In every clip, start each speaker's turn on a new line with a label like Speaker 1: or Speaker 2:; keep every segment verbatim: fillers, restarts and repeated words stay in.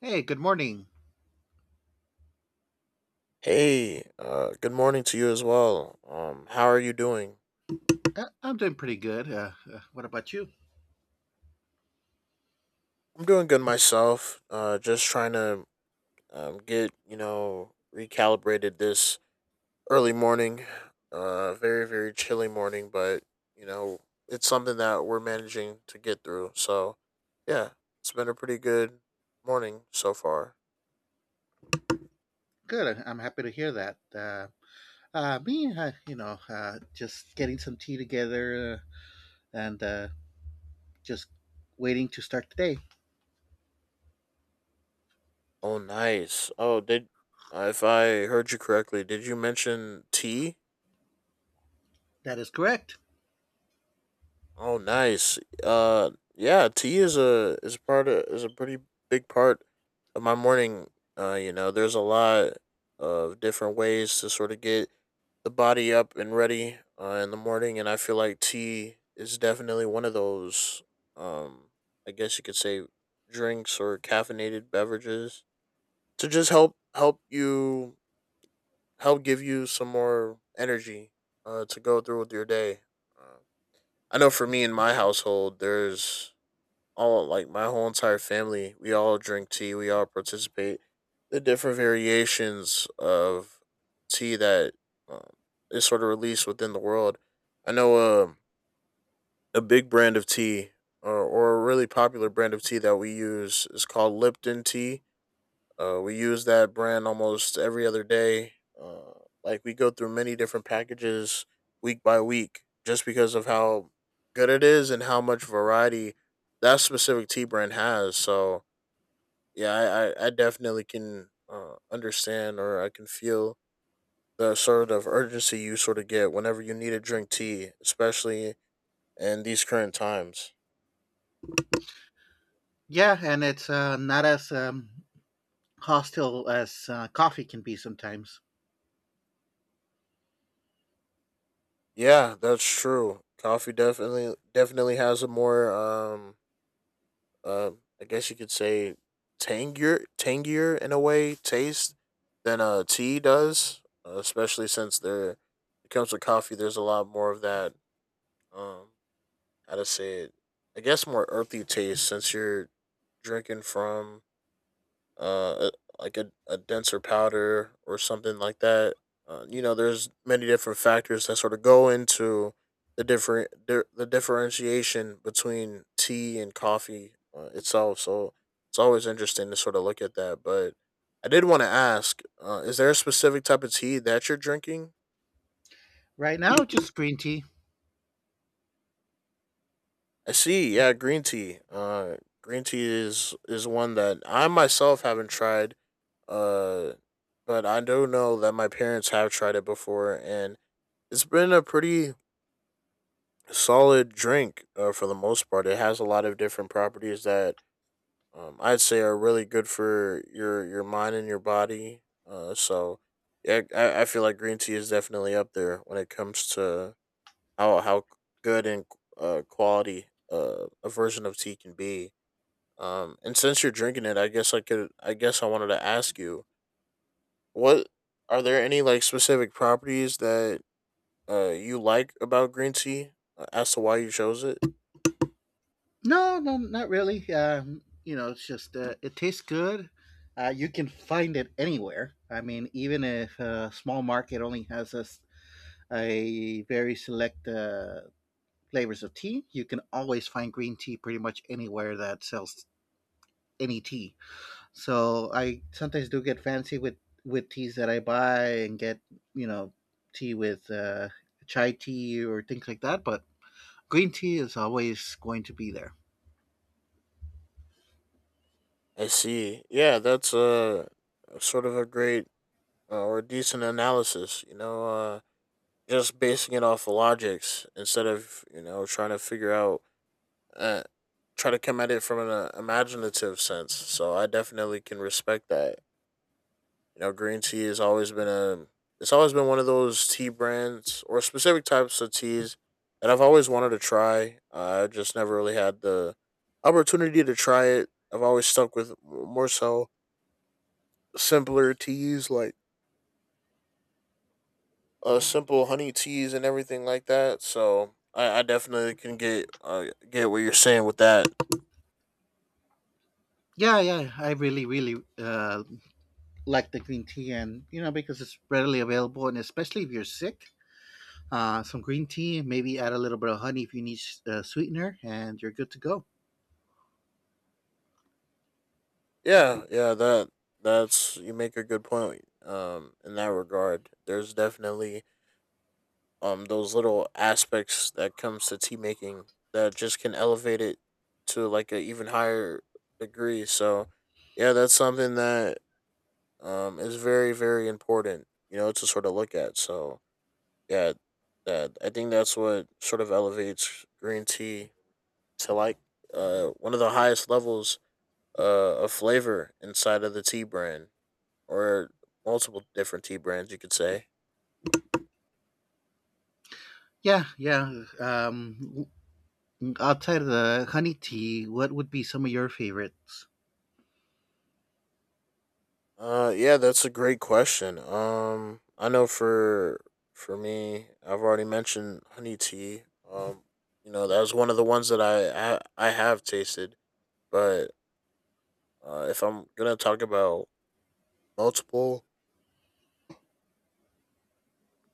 Speaker 1: Hey, good morning.
Speaker 2: Hey, uh, good morning to you as well. Um, how are you doing?
Speaker 1: Uh, I'm doing pretty good. Uh, uh, what about you?
Speaker 2: I'm doing good myself. Uh, just trying to um, get you know recalibrated this early morning. Uh, very very chilly morning, but you know it's something that we're managing to get through. So, yeah, it's been a pretty good morning so far.
Speaker 1: Good. I- I'm happy to hear that. Uh, uh, me, uh, you know, uh, just getting some tea together, uh, and uh, just waiting to start the day.
Speaker 2: Oh, nice. Oh, did uh, If I heard you correctly, did you mention tea?
Speaker 1: That is correct.
Speaker 2: Oh, nice. Uh, yeah, tea is a is a part of, is a pretty big part of my morning. Uh, you know, there's a lot of different ways to sort of get the body up and ready uh, in the morning, and I feel like tea is definitely one of those. Um, I guess you could say drinks or caffeinated beverages to just help help you help give you some more energy uh, to go through with your day. Uh, I know for me in my household, there's all like my whole entire family, we all drink tea. We all participate the different variations of tea that um, is sort of released within the world. I know um a big brand of tea or, or a really popular brand of tea that we use is called Lipton tea, uh, we use that brand almost every other day. Uh, like we go through many different packages week by week just because of how good it is and how much variety that specific tea brand has. So yeah, I, I, I definitely can uh, understand or I can feel the sort of urgency you sort of get whenever you need to drink tea, especially in these current times.
Speaker 1: Yeah, and it's uh, not as um, hostile as uh, coffee can be sometimes.
Speaker 2: Yeah, that's true. Coffee definitely definitely has a more um um, I guess you could say tangier, tangier in a way taste than uh tea does, uh, especially since there it comes with coffee. There's a lot more of that. Um, how to say it? I guess more earthy taste since you're drinking from uh, a, like a, a denser powder or something like that. Uh, you know, there's many different factors that sort of go into the different di- the differentiation between tea and coffee uh, itself. So it's always interesting to sort of look at that. But I did want to ask: uh, is there a specific type of tea that you're drinking?
Speaker 1: Right now, just green tea.
Speaker 2: I see. Yeah, green tea. Uh, green tea is is one that I myself haven't tried. Uh, but I do know that my parents have tried it before, and it's been a pretty solid drink uh, for the most part. It has a lot of different properties that um, I'd say are really good for your your mind and your body. Uh, so yeah, I, I feel like green tea is definitely up there when it comes to how how good and uh, quality uh, a version of tea can be. Um, and since you're drinking it, I guess I could. I guess I wanted to ask you: What are there any like specific properties that uh you like about green tea, uh, as to why you chose it?
Speaker 1: No, no, not really. Um, you know, it's just uh, it tastes good. Uh, you can find it anywhere. I mean, even if a small market only has a s- a very select uh, flavors of tea. You can always find green tea pretty much anywhere that sells any tea. So I sometimes do get fancy with with teas that I buy and get, you know, tea with, uh, chai tea or things like that. But green tea is always going to be there.
Speaker 2: I see. Yeah, that's a uh, sort of a great, uh, or decent analysis. You know, uh, just basing it off of logics instead of you know trying to figure out uh, try to come at it from an uh, imaginative sense. So I definitely can respect that. You know, green tea has always been a it's always been one of those tea brands or specific types of teas that I've always wanted to try. Uh, I just never really had the opportunity to try it. I've always stuck with more so simpler teas like uh, simple honey teas and everything like that. So I, I definitely can get, uh, get what you're saying with that.
Speaker 1: Yeah, yeah, I really, really uh, like the green tea, and you know because it's readily available, and especially if you're sick, uh, some green tea, maybe add a little bit of honey if you need uh, sweetener, and you're good to go.
Speaker 2: Yeah, yeah, that that's, you make a good point. Um, in that regard, there's definitely um those little aspects that comes to tea making that just can elevate it to like a even higher degree. So yeah, that's something that um is very very important, you know, to sort of look at. So yeah, that I think that's what sort of elevates green tea to like uh one of the highest levels uh of flavor inside of the tea brand or multiple different tea brands you could say.
Speaker 1: Yeah, yeah. Um, outside of the honey tea, what would be some of your favorites?
Speaker 2: Uh, yeah, that's a great question. Um, I know for for me, I've already mentioned honey tea. Um, you know that was one of the ones that I I, I have tasted. But uh, if I'm gonna talk about multiple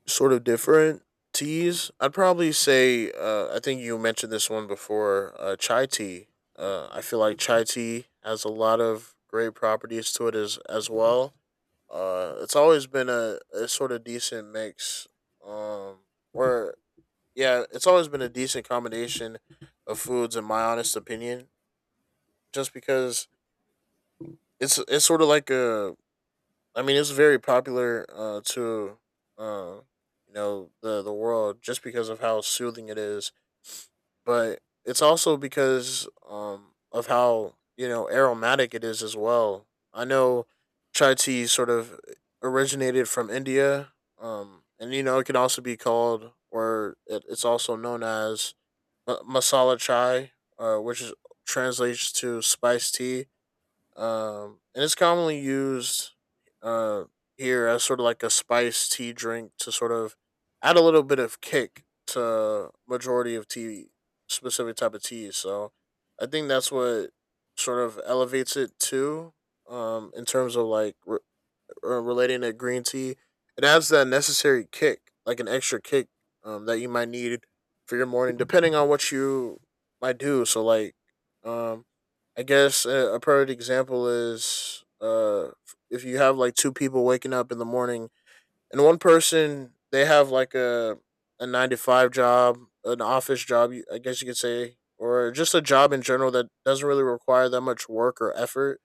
Speaker 2: sort of different teas. I'd probably say uh, I think you mentioned this one before. Uh, chai tea. Uh, I feel like chai tea has a lot of great properties to it as as well. Uh, it's always been a, a sort of decent mix. Um, or yeah, it's always been a decent combination of foods, in my honest opinion. Just because it's it's sort of like a, I mean, it's very popular uh, to uh, you know the the world just because of how soothing it is, but it's also because um, of how you know aromatic it is as well. I know chai tea sort of originated from India, um, and you know it can also be called or it, it's also known as ma- masala chai, uh, which is, translates to spice tea, um, and it's commonly used uh, here as sort of like a spiced tea drink to sort of add a little bit of kick to majority of tea specific type of teas. So I think that's what sort of elevates it to, um, in terms of like re- uh, relating to green tea, it has that necessary kick, like an extra kick, um, that you might need for your morning, depending on what you might do. So, like, um, I guess a, a perfect example is: uh, if you have like two people waking up in the morning, and one person they have like a a nine to five job, an office job, I guess you could say, or just a job in general that doesn't really require that much work or effort,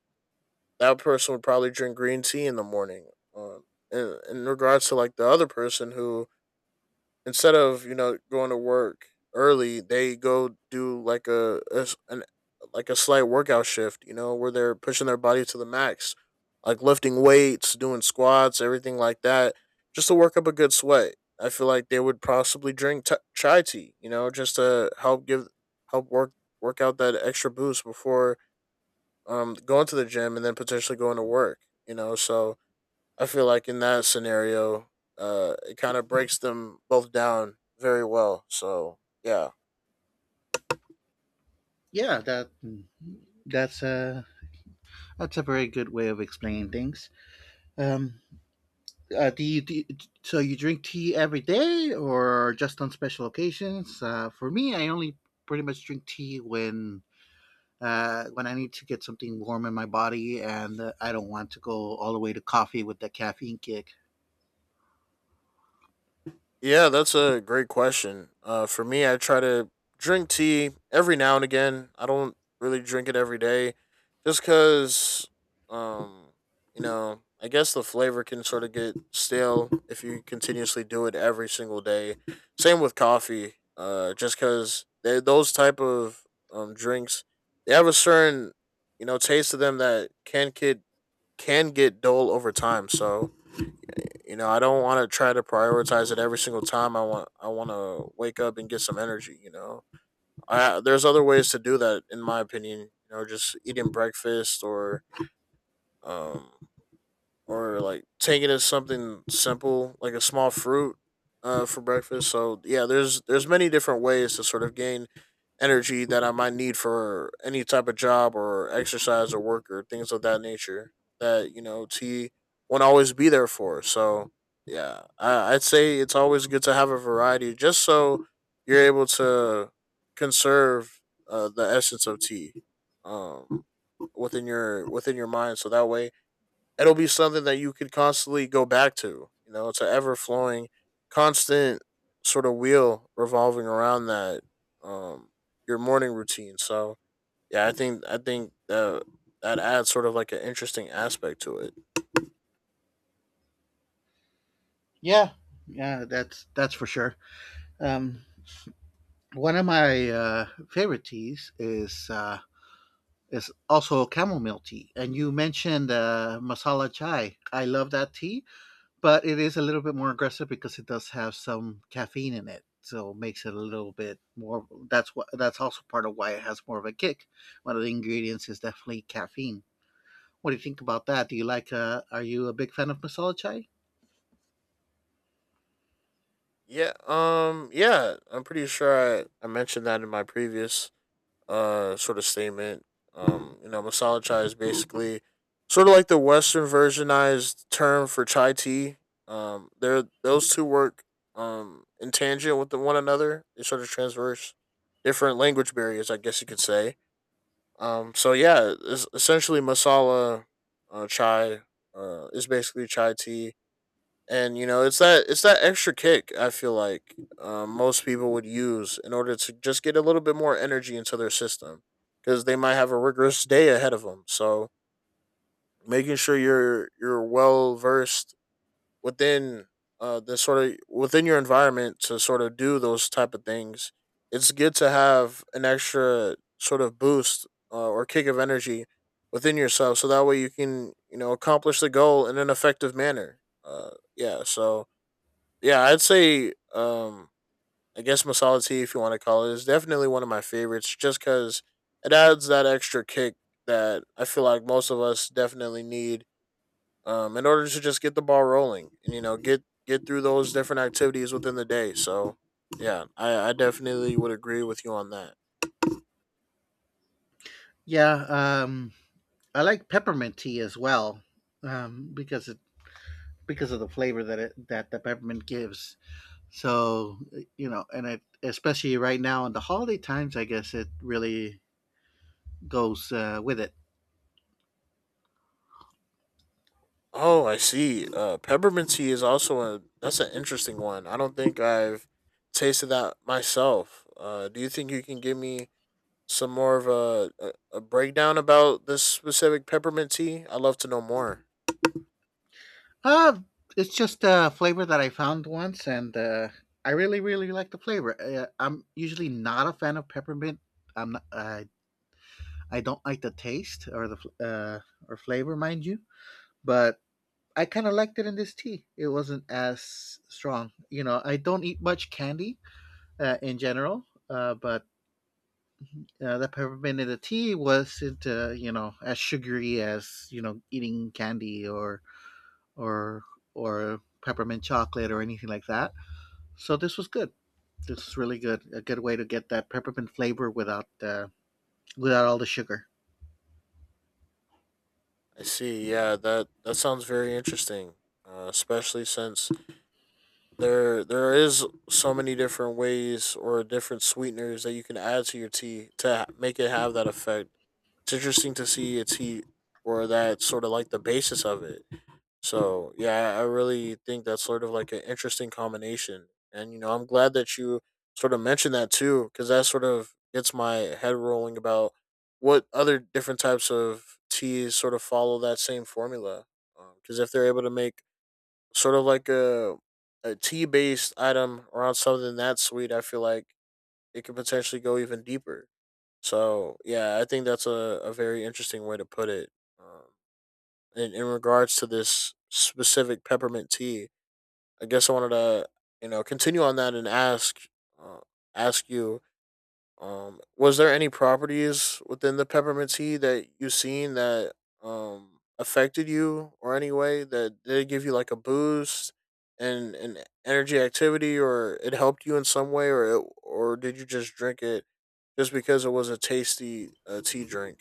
Speaker 2: that person would probably drink green tea in the morning. Um, in, in regards to like the other person who instead of you know going to work early, they go do like a, a s- an like a slight workout shift. You know where they're pushing their body to the max, like lifting weights, doing squats, everything like that, just to work up a good sweat. I feel like they would possibly drink t- chai tea. You know, just to help give help work work out that extra boost before um, going to the gym and then potentially going to work. You know, so I feel like in that scenario, uh, it kind of breaks them both down very well. So yeah.
Speaker 1: Yeah, that that's a that's a very good way of explaining things. Um, uh, do you, do you- so you drink tea every day or just on special occasions? Uh, for me, I only pretty much drink tea when uh, when I need to get something warm in my body, and uh, I don't want to go all the way to coffee with that caffeine kick.
Speaker 2: Yeah, that's a great question. Uh, for me, I try to drink tea every now and again. I don't really drink it every day, just because, um, you know, I guess the flavor can sort of get stale if you continuously do it every single day. Same with coffee. Uh, just because those type of um drinks, they have a certain you know taste to them that can get can get dull over time. So you know, I don't want to try to prioritize it every single time. I want I want to wake up and get some energy. You know, I, there's other ways to do that, in my opinion. You know, just eating breakfast or um, or like take it as something simple, like a small fruit uh, for breakfast. So yeah, there's there's many different ways to sort of gain energy that I might need for any type of job or exercise or work or things of that nature that you know tea won't always be there for. So yeah, I, I'd say it's always good to have a variety, just so you're able to conserve uh, the essence of tea, um, within your within your mind. So that way it'll be something that you could constantly go back to. You know, it's an ever flowing, constant sort of wheel revolving around that um your morning routine. So yeah, I think I think that that adds sort of like an interesting aspect to it.
Speaker 1: Yeah, yeah, that's that's for sure. Um, One of my uh, favorite teas is uh, is also chamomile tea, and you mentioned uh, masala chai. I love that tea, but it is a little bit more aggressive because it does have some caffeine in it, so makes it a little bit more. That's what that's also part of why it has more of a kick. One of the ingredients is definitely caffeine. What do you think about that? Do you like? Uh, are you a big fan of masala chai?
Speaker 2: Yeah, um, yeah, I'm pretty sure I, I mentioned that in my previous uh sort of statement. Um, you know, masala chai is basically sort of like the Western versionized term for chai tea. Um, they're those two work um in tangent with the one another. They sort of transverse different language barriers, I guess you could say. Um, so yeah, es- essentially masala uh, chai uh, is basically chai tea, and you know it's that it's that extra kick. I feel like um, most people would use in order to just get a little bit more energy into their system because they might have a rigorous day ahead of them. So making sure you're you're well versed within, uh the sort of, within your environment to sort of do those type of things, it's good to have an extra sort of boost, uh, or kick of energy within yourself, so that way you can, you know accomplish the goal in an effective manner. uh yeah, so yeah, I'd say, um, I guess masala tea, if you want to call it, is definitely one of my favorites just because it adds that extra kick that I feel like most of us definitely need, um, in order to just get the ball rolling and, you know, get, get through those different activities within the day. So, yeah, I, I definitely would agree with you on that.
Speaker 1: Yeah, um, I like peppermint tea as well, um, because it because of the flavor that it that the peppermint gives. So you know, and it especially right now in the holiday times, I guess it really goes uh, with it.
Speaker 2: Oh, I see. Uh, peppermint tea is also a, that's an interesting one. I don't think I've tasted that myself. Uh, do you think you can give me some more of a, a a breakdown about this specific peppermint tea? I'd love to know more.
Speaker 1: Uh, it's just a flavor that I found once, and uh, I really really like the flavor. Uh, I'm usually not a fan of peppermint. I'm not. I I don't like the taste or the fl- uh, or flavor, mind you, but I kind of liked it in this tea. It wasn't as strong. You know, I don't eat much candy uh, in general, uh, but uh, the peppermint in the tea wasn't, uh, you know, as sugary as you know eating candy or or or peppermint chocolate or anything like that. So this was good. This was really good. A good way to get that peppermint flavor without uh, without all the sugar.
Speaker 2: I see. Yeah, that that sounds very interesting. Uh, especially since there there is so many different ways or different sweeteners that you can add to your tea to ha- make it have that effect. It's interesting to see a tea, or that sort of like the basis of it. So yeah, I I really think that's sort of like an interesting combination, and you know, I'm glad that you sort of mentioned that too, because that sort of gets my head rolling about what other different types of teas sort of follow that same formula. Because if they're able to make sort of like a a tea based item around something that sweet, I feel like it could potentially go even deeper. So yeah, I think that's a, a very interesting way to put it. Um, in, in regards to this specific peppermint tea. I guess I wanted to, you know, continue on that and ask, uh, ask you, um, was there any properties within the peppermint tea that you seen that um affected you, or any way that did it give you like a boost and an energy activity, or it helped you in some way, or it, or did you just drink it just because it was a tasty uh, tea drink?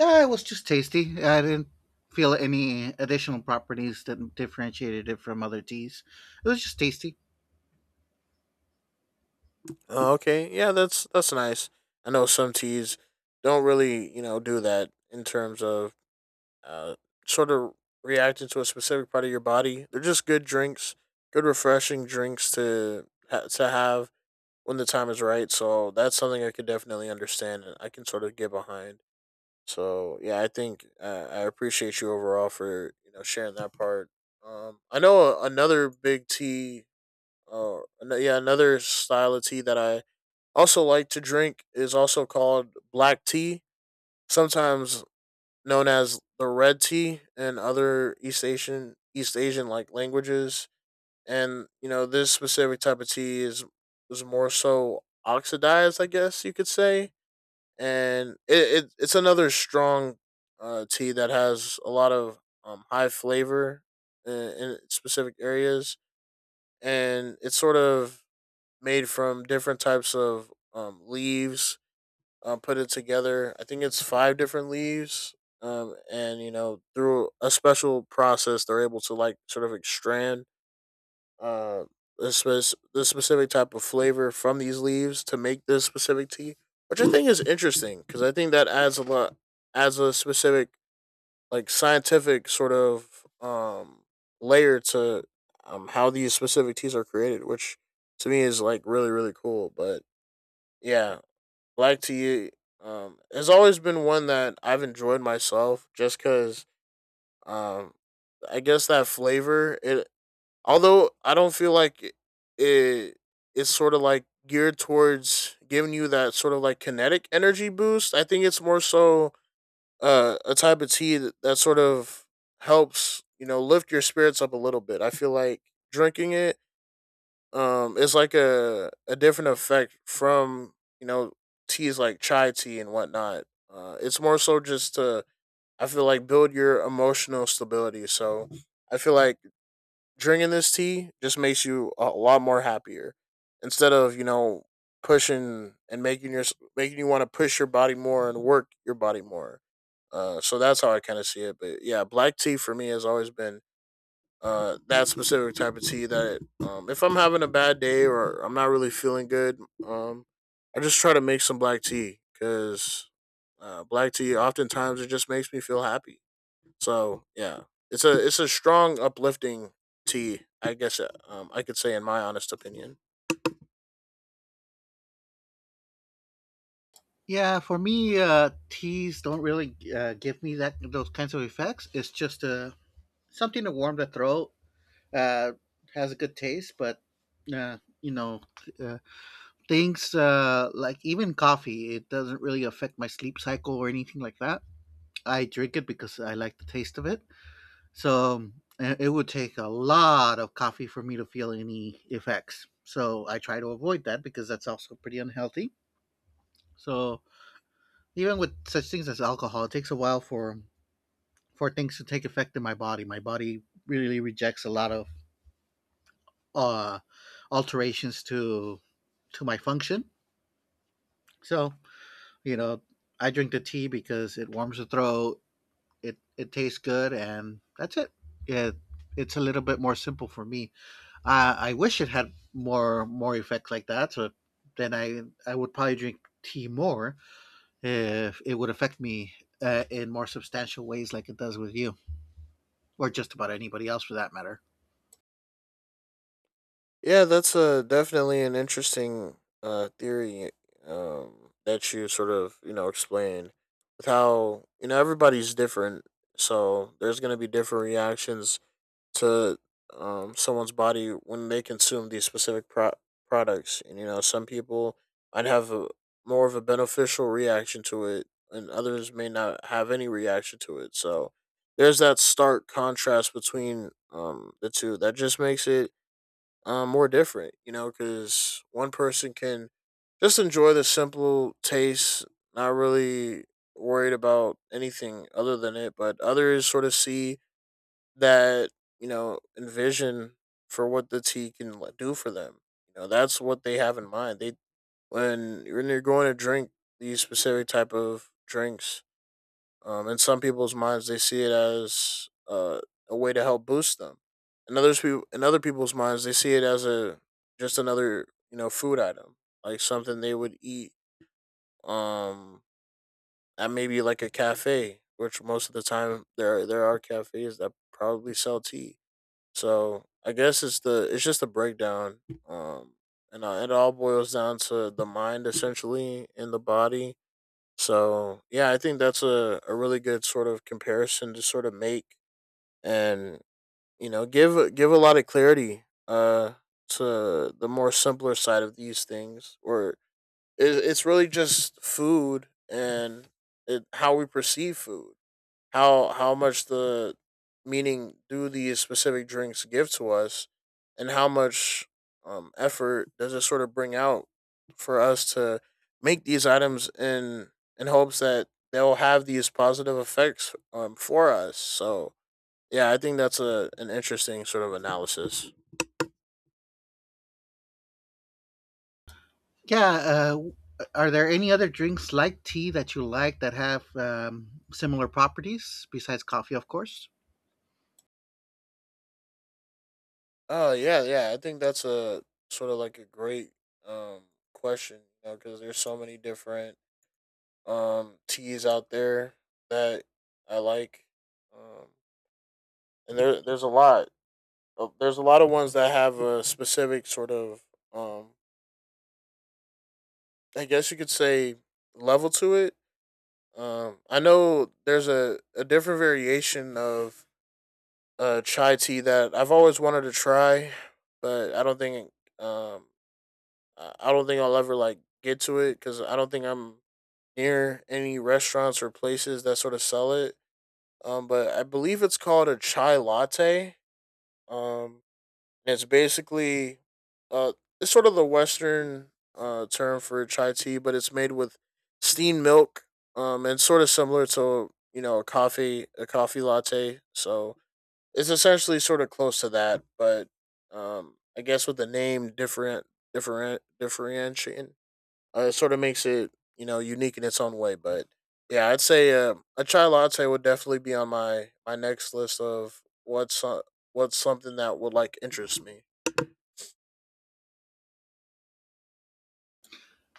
Speaker 1: Uh, it was just tasty. I didn't feel any additional properties that differentiated it from other teas. It was just tasty.
Speaker 2: Oh, okay, yeah, that's that's nice. I know some teas don't really, you know, do that in terms of, uh, sort of reacting to a specific part of your body. They're just good drinks, good refreshing drinks to ha- to have when the time is right. So that's something I could definitely understand and I can sort of get behind. So yeah, I think uh, I appreciate you overall for you know sharing that part. Um, I know another big tea, or uh, ano- yeah, another style of tea that I also like to drink is also called black tea, sometimes known as the red tea in other East Asian East Asian like languages. And you know, this specific type of tea is is more so oxidized, I guess you could say. And it, it it's another strong uh, tea that has a lot of um, high flavor in, in specific areas, and it's sort of made from different types of um, leaves, um, put it together. I think it's five different leaves. Um, and you know, through a special process, they're able to like sort of extract uh the, spec- the specific type of flavor from these leaves to make this specific tea, which I think is interesting because I think that adds a lot, adds a specific like scientific sort of um layer to um how these specific teas are created, which to me is like really really cool. But yeah, black tea um has always been one that I've enjoyed myself just cuz, um I guess that flavor it, although I don't feel like it, it it's sort of like geared towards giving you that sort of like kinetic energy boost. I think it's more so uh, a type of tea that, that sort of helps, you know, lift your spirits up a little bit. I feel like drinking it, um it's like a a different effect from, you know, teas like chai tea and whatnot. Uh it's more so just to, I feel like, build your emotional stability. So I feel like drinking this tea just makes you a lot more happier instead of, you know, pushing and making your, making you want to push your body more and work your body more. Uh so that's how I kind of see it. But yeah, black tea for me has always been, uh, that specific type of tea that, um, if I'm having a bad day or I'm not really feeling good, um, I just try to make some black tea because, uh, black tea oftentimes it just makes me feel happy. So yeah, it's a, it's a strong uplifting tea, I guess, uh, um, I could say in my honest opinion.
Speaker 1: Yeah, for me, uh, teas don't really uh, give me that those kinds of effects. It's just uh, something to warm the throat. Uh, has a good taste, but uh, you know, uh, things uh, like even coffee, it doesn't really affect my sleep cycle or anything like that. I drink it because I like the taste of it. So it it would take a lot of coffee for me to feel any effects. So I try to avoid that because that's also pretty unhealthy. So even with such things as alcohol, it takes a while for for things to take effect in my body. My body really rejects a lot of uh, alterations to to my function. So you know, I drink the tea because it warms the throat. It it tastes good, and that's it. It it's a little bit more simple for me. Uh, I wish it had more more effects like that. So then I I would probably drink tea more if it would affect me uh, in more substantial ways, like it does with you, or just about anybody else for that matter.
Speaker 2: Yeah, that's uh, definitely an interesting uh, theory, um, that you sort of, you know, explain, with how, you know, everybody's different. So there's going to be different reactions to, um, someone's body when they consume these specific pro- products. And, you know, some people might have a, more of a beneficial reaction to it, and others may not have any reaction to it. So there's that stark contrast between, um, the two, that just makes it, um, more different, you know, because one person can just enjoy the simple taste, not really worried about anything other than it, but others sort of see that, you know, envision for what the tea can like, do for them. You know, that's what they have in mind. They, when when you're going to drink these specific type of drinks, um, in some people's minds, they see it as uh, a way to help boost them. In others, people in other people's minds, they see it as a just another you know food item, like something they would eat, um, at maybe like a cafe, which most of the time there there are cafes that probably sell tea. So I guess it's the, it's just a breakdown, um, and uh, it all boils down to the mind essentially and the body. So yeah, I think that's a, a really good sort of comparison to sort of make, and you know give give a lot of clarity uh to the more simpler side of these things or it, it's really just food and it, how we perceive food, how how much the meaning do these specific drinks give to us, and how much um, effort does it sort of bring out for us to make these items in in hopes that they'll have these positive effects, um, for us. So yeah, I think that's a an interesting sort of analysis.
Speaker 1: Yeah. Uh, are there any other drinks like tea that you like that have, um, similar properties besides coffee, of course?
Speaker 2: Oh yeah, yeah, I think that's a sort of like a great, um, question, you know, because there's so many different um, teas out there that I like, um, and there there's a lot. Of, there's a lot of ones that have a specific sort of, um, I guess you could say, level to it. Um, I know there's a, a different variation of uh, chai tea that I've always wanted to try, but I don't think, um, I I don't think I'll ever like get to it because I don't think I'm near any restaurants or places that sort of sell it. Um, but I believe it's called a chai latte. Um, and it's basically, uh, it's sort of the Western uh, term for chai tea, but it's made with steamed milk. Um, and sort of similar to you know a coffee, a coffee latte. So it's essentially sort of close to that, but um, I guess with the name different different differentiating, uh, it sort of makes it, you know, unique in its own way. But yeah, I'd say uh, a chai latte would definitely be on my my next list of what's, uh, what's something that would like interest me.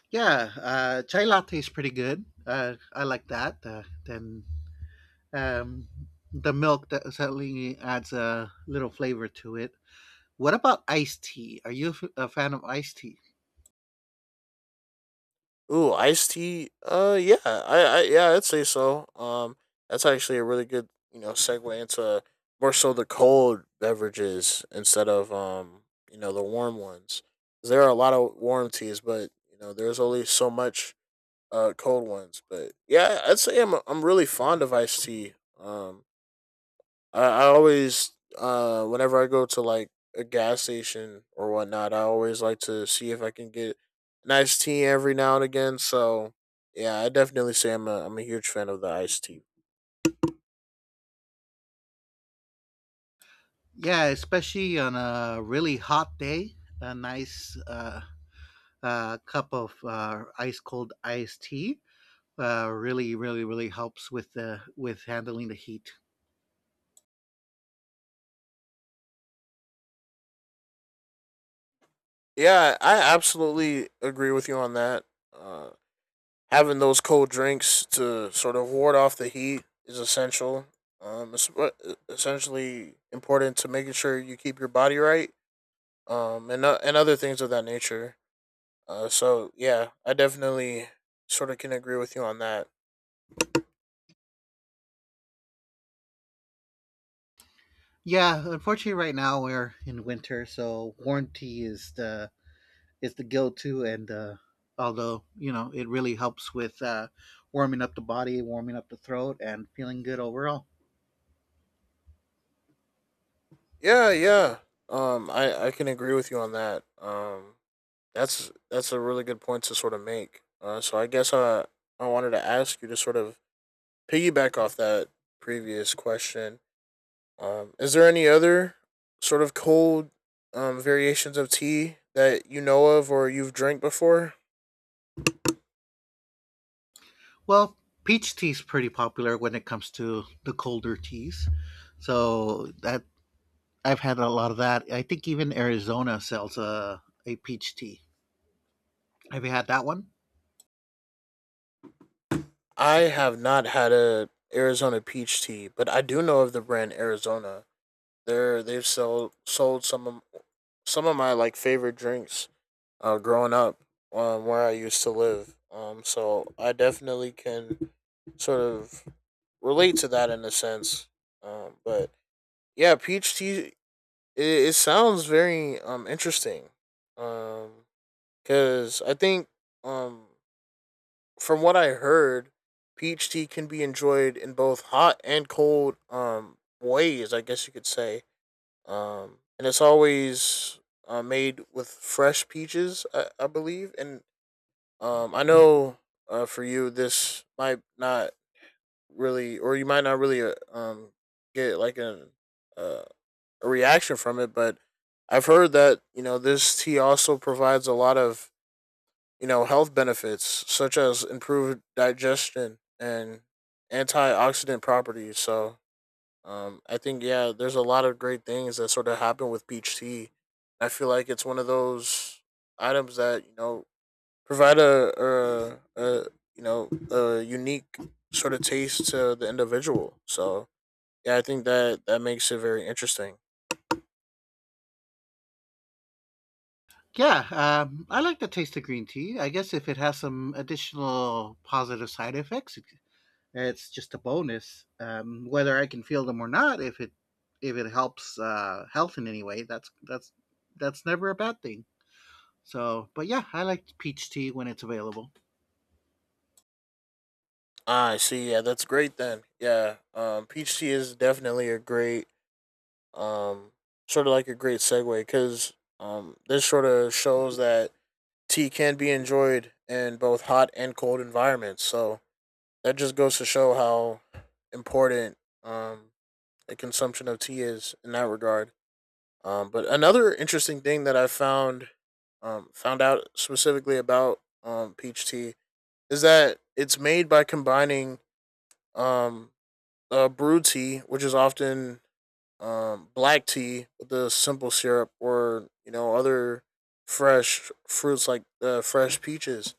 Speaker 1: Yeah, uh, chai latte is pretty good. Uh, I like that. Uh, then um, the milk that certainly adds a little flavor to it. What about iced tea? Are you a f- a fan of iced tea?
Speaker 2: Ooh, iced tea. Uh, yeah, I, I yeah, I'd say so. Um, that's actually a really good you know segue into, uh, more so the cold beverages instead of um you know the warm ones. 'Cause there are a lot of warm teas, but you know there's only so much uh cold ones. But yeah, I'd say I'm I'm really fond of iced tea. Um, I, I always uh whenever I go to like a gas station or whatnot, I always like to see if I can get an iced tea every now and again. So yeah, I definitely say I'm a, I'm a huge fan of the iced tea.
Speaker 1: Yeah, especially on a really hot day, a nice uh, uh, cup of uh, ice cold iced tea uh, really, really, really helps with the with handling the heat.
Speaker 2: Yeah, I absolutely agree with you on that. Uh, Having those cold drinks to sort of ward off the heat is essential, um, it's what- e, essentially important to making sure you keep your body right, um, and o- and other things of that nature. Uh, so yeah, I definitely sort of can agree with you on that.
Speaker 1: Yeah, unfortunately, right now we're in winter, so warm tea is the is the go to, and uh, although you know it really helps with uh, warming up the body, warming up the throat, and feeling good overall.
Speaker 2: Yeah, yeah. Um, I I can agree with you on that. Um, that's that's a really good point to sort of make. Uh, so I guess I I wanted to ask you to sort of piggyback off that previous question. Um, is there any other sort of cold um variations of tea that you know of or you've drank before?
Speaker 1: Well, peach tea is pretty popular when it comes to the colder teas. So that I've had a lot of that. I think even Arizona sells a a peach tea. Have you had that one?
Speaker 2: I have not had a Arizona peach tea, but I do know of the brand Arizona. They're they've sold sold some of some of my like favorite drinks. Uh, growing up, um, where I used to live. Um, so I definitely can sort of relate to that in a sense. Um, but yeah, peach tea. It, it sounds very um interesting. Um, because I think um from what I heard, peach tea can be enjoyed in both hot and cold um ways, I guess you could say. Um, and it's always uh, made with fresh peaches, I, I believe. And um, I know, uh, for you, this might not really, or you might not really uh, um get like a uh, a reaction from it, but I've heard that you know this tea also provides a lot of, you know, health benefits such as improved digestion and antioxidant properties. So, um, I think yeah, there's a lot of great things that sort of happen with peach tea. I feel like it's one of those items that you know provide a, a, a you know a unique sort of taste to the individual. So yeah, I think that that makes it very interesting.
Speaker 1: Yeah, um, I like the taste of green tea. I guess if it has some additional positive side effects, it- it's just a bonus. Um, whether I can feel them or not, if it if it helps uh, health in any way, that's that's that's never a bad thing. So, but yeah, I like peach tea when it's available.
Speaker 2: Ah, I see. Yeah, that's great then. Yeah, um, peach tea is definitely a great um, sort of like a great segue because um, this sort of shows that tea can be enjoyed in both hot and cold environments. So that just goes to show how important, um, the consumption of tea is in that regard. Um, but another interesting thing that I found um, found out specifically about um, peach tea is that it's made by combining um, uh, brewed tea, which is often um, black tea, with the simple syrup, or you know other fresh fruits like uh, fresh peaches,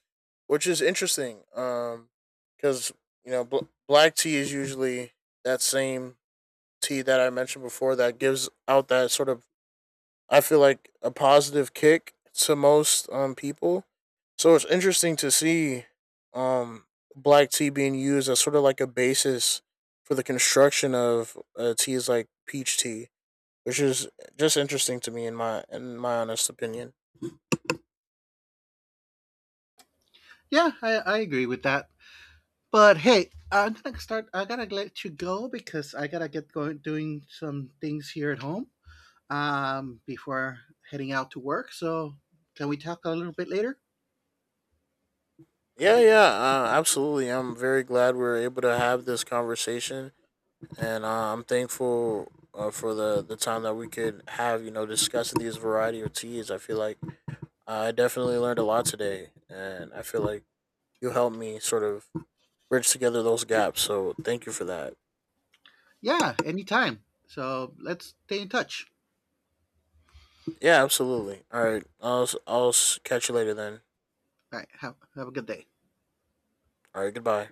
Speaker 2: which is interesting. Um, because you know bl- black tea is usually that same tea that I mentioned before that gives out that sort of, I feel like, a positive kick to most um people. So it's interesting to see um black tea being used as sort of like a basis for the construction of uh, teas like peach tea, which is just interesting to me in my in my honest opinion.
Speaker 1: Yeah, I, I agree with that. But hey, I'm gonna start. I gotta let you go because I gotta get going doing some things here at home, um, before heading out to work. So can we talk a little bit later?
Speaker 2: Yeah, yeah, uh, absolutely. I'm very glad we are able to have this conversation, and uh, I'm thankful uh, for the the time that we could have, you know, discussing these variety of teas. I feel like uh, I definitely learned a lot today, and I feel like you helped me sort of bridge together those gaps. So thank you for that.
Speaker 1: Yeah, anytime. So let's stay in touch.
Speaker 2: Yeah, absolutely. All right, I'll I'll I'll catch you later then.
Speaker 1: All right, have, have a good day.
Speaker 2: All right, goodbye.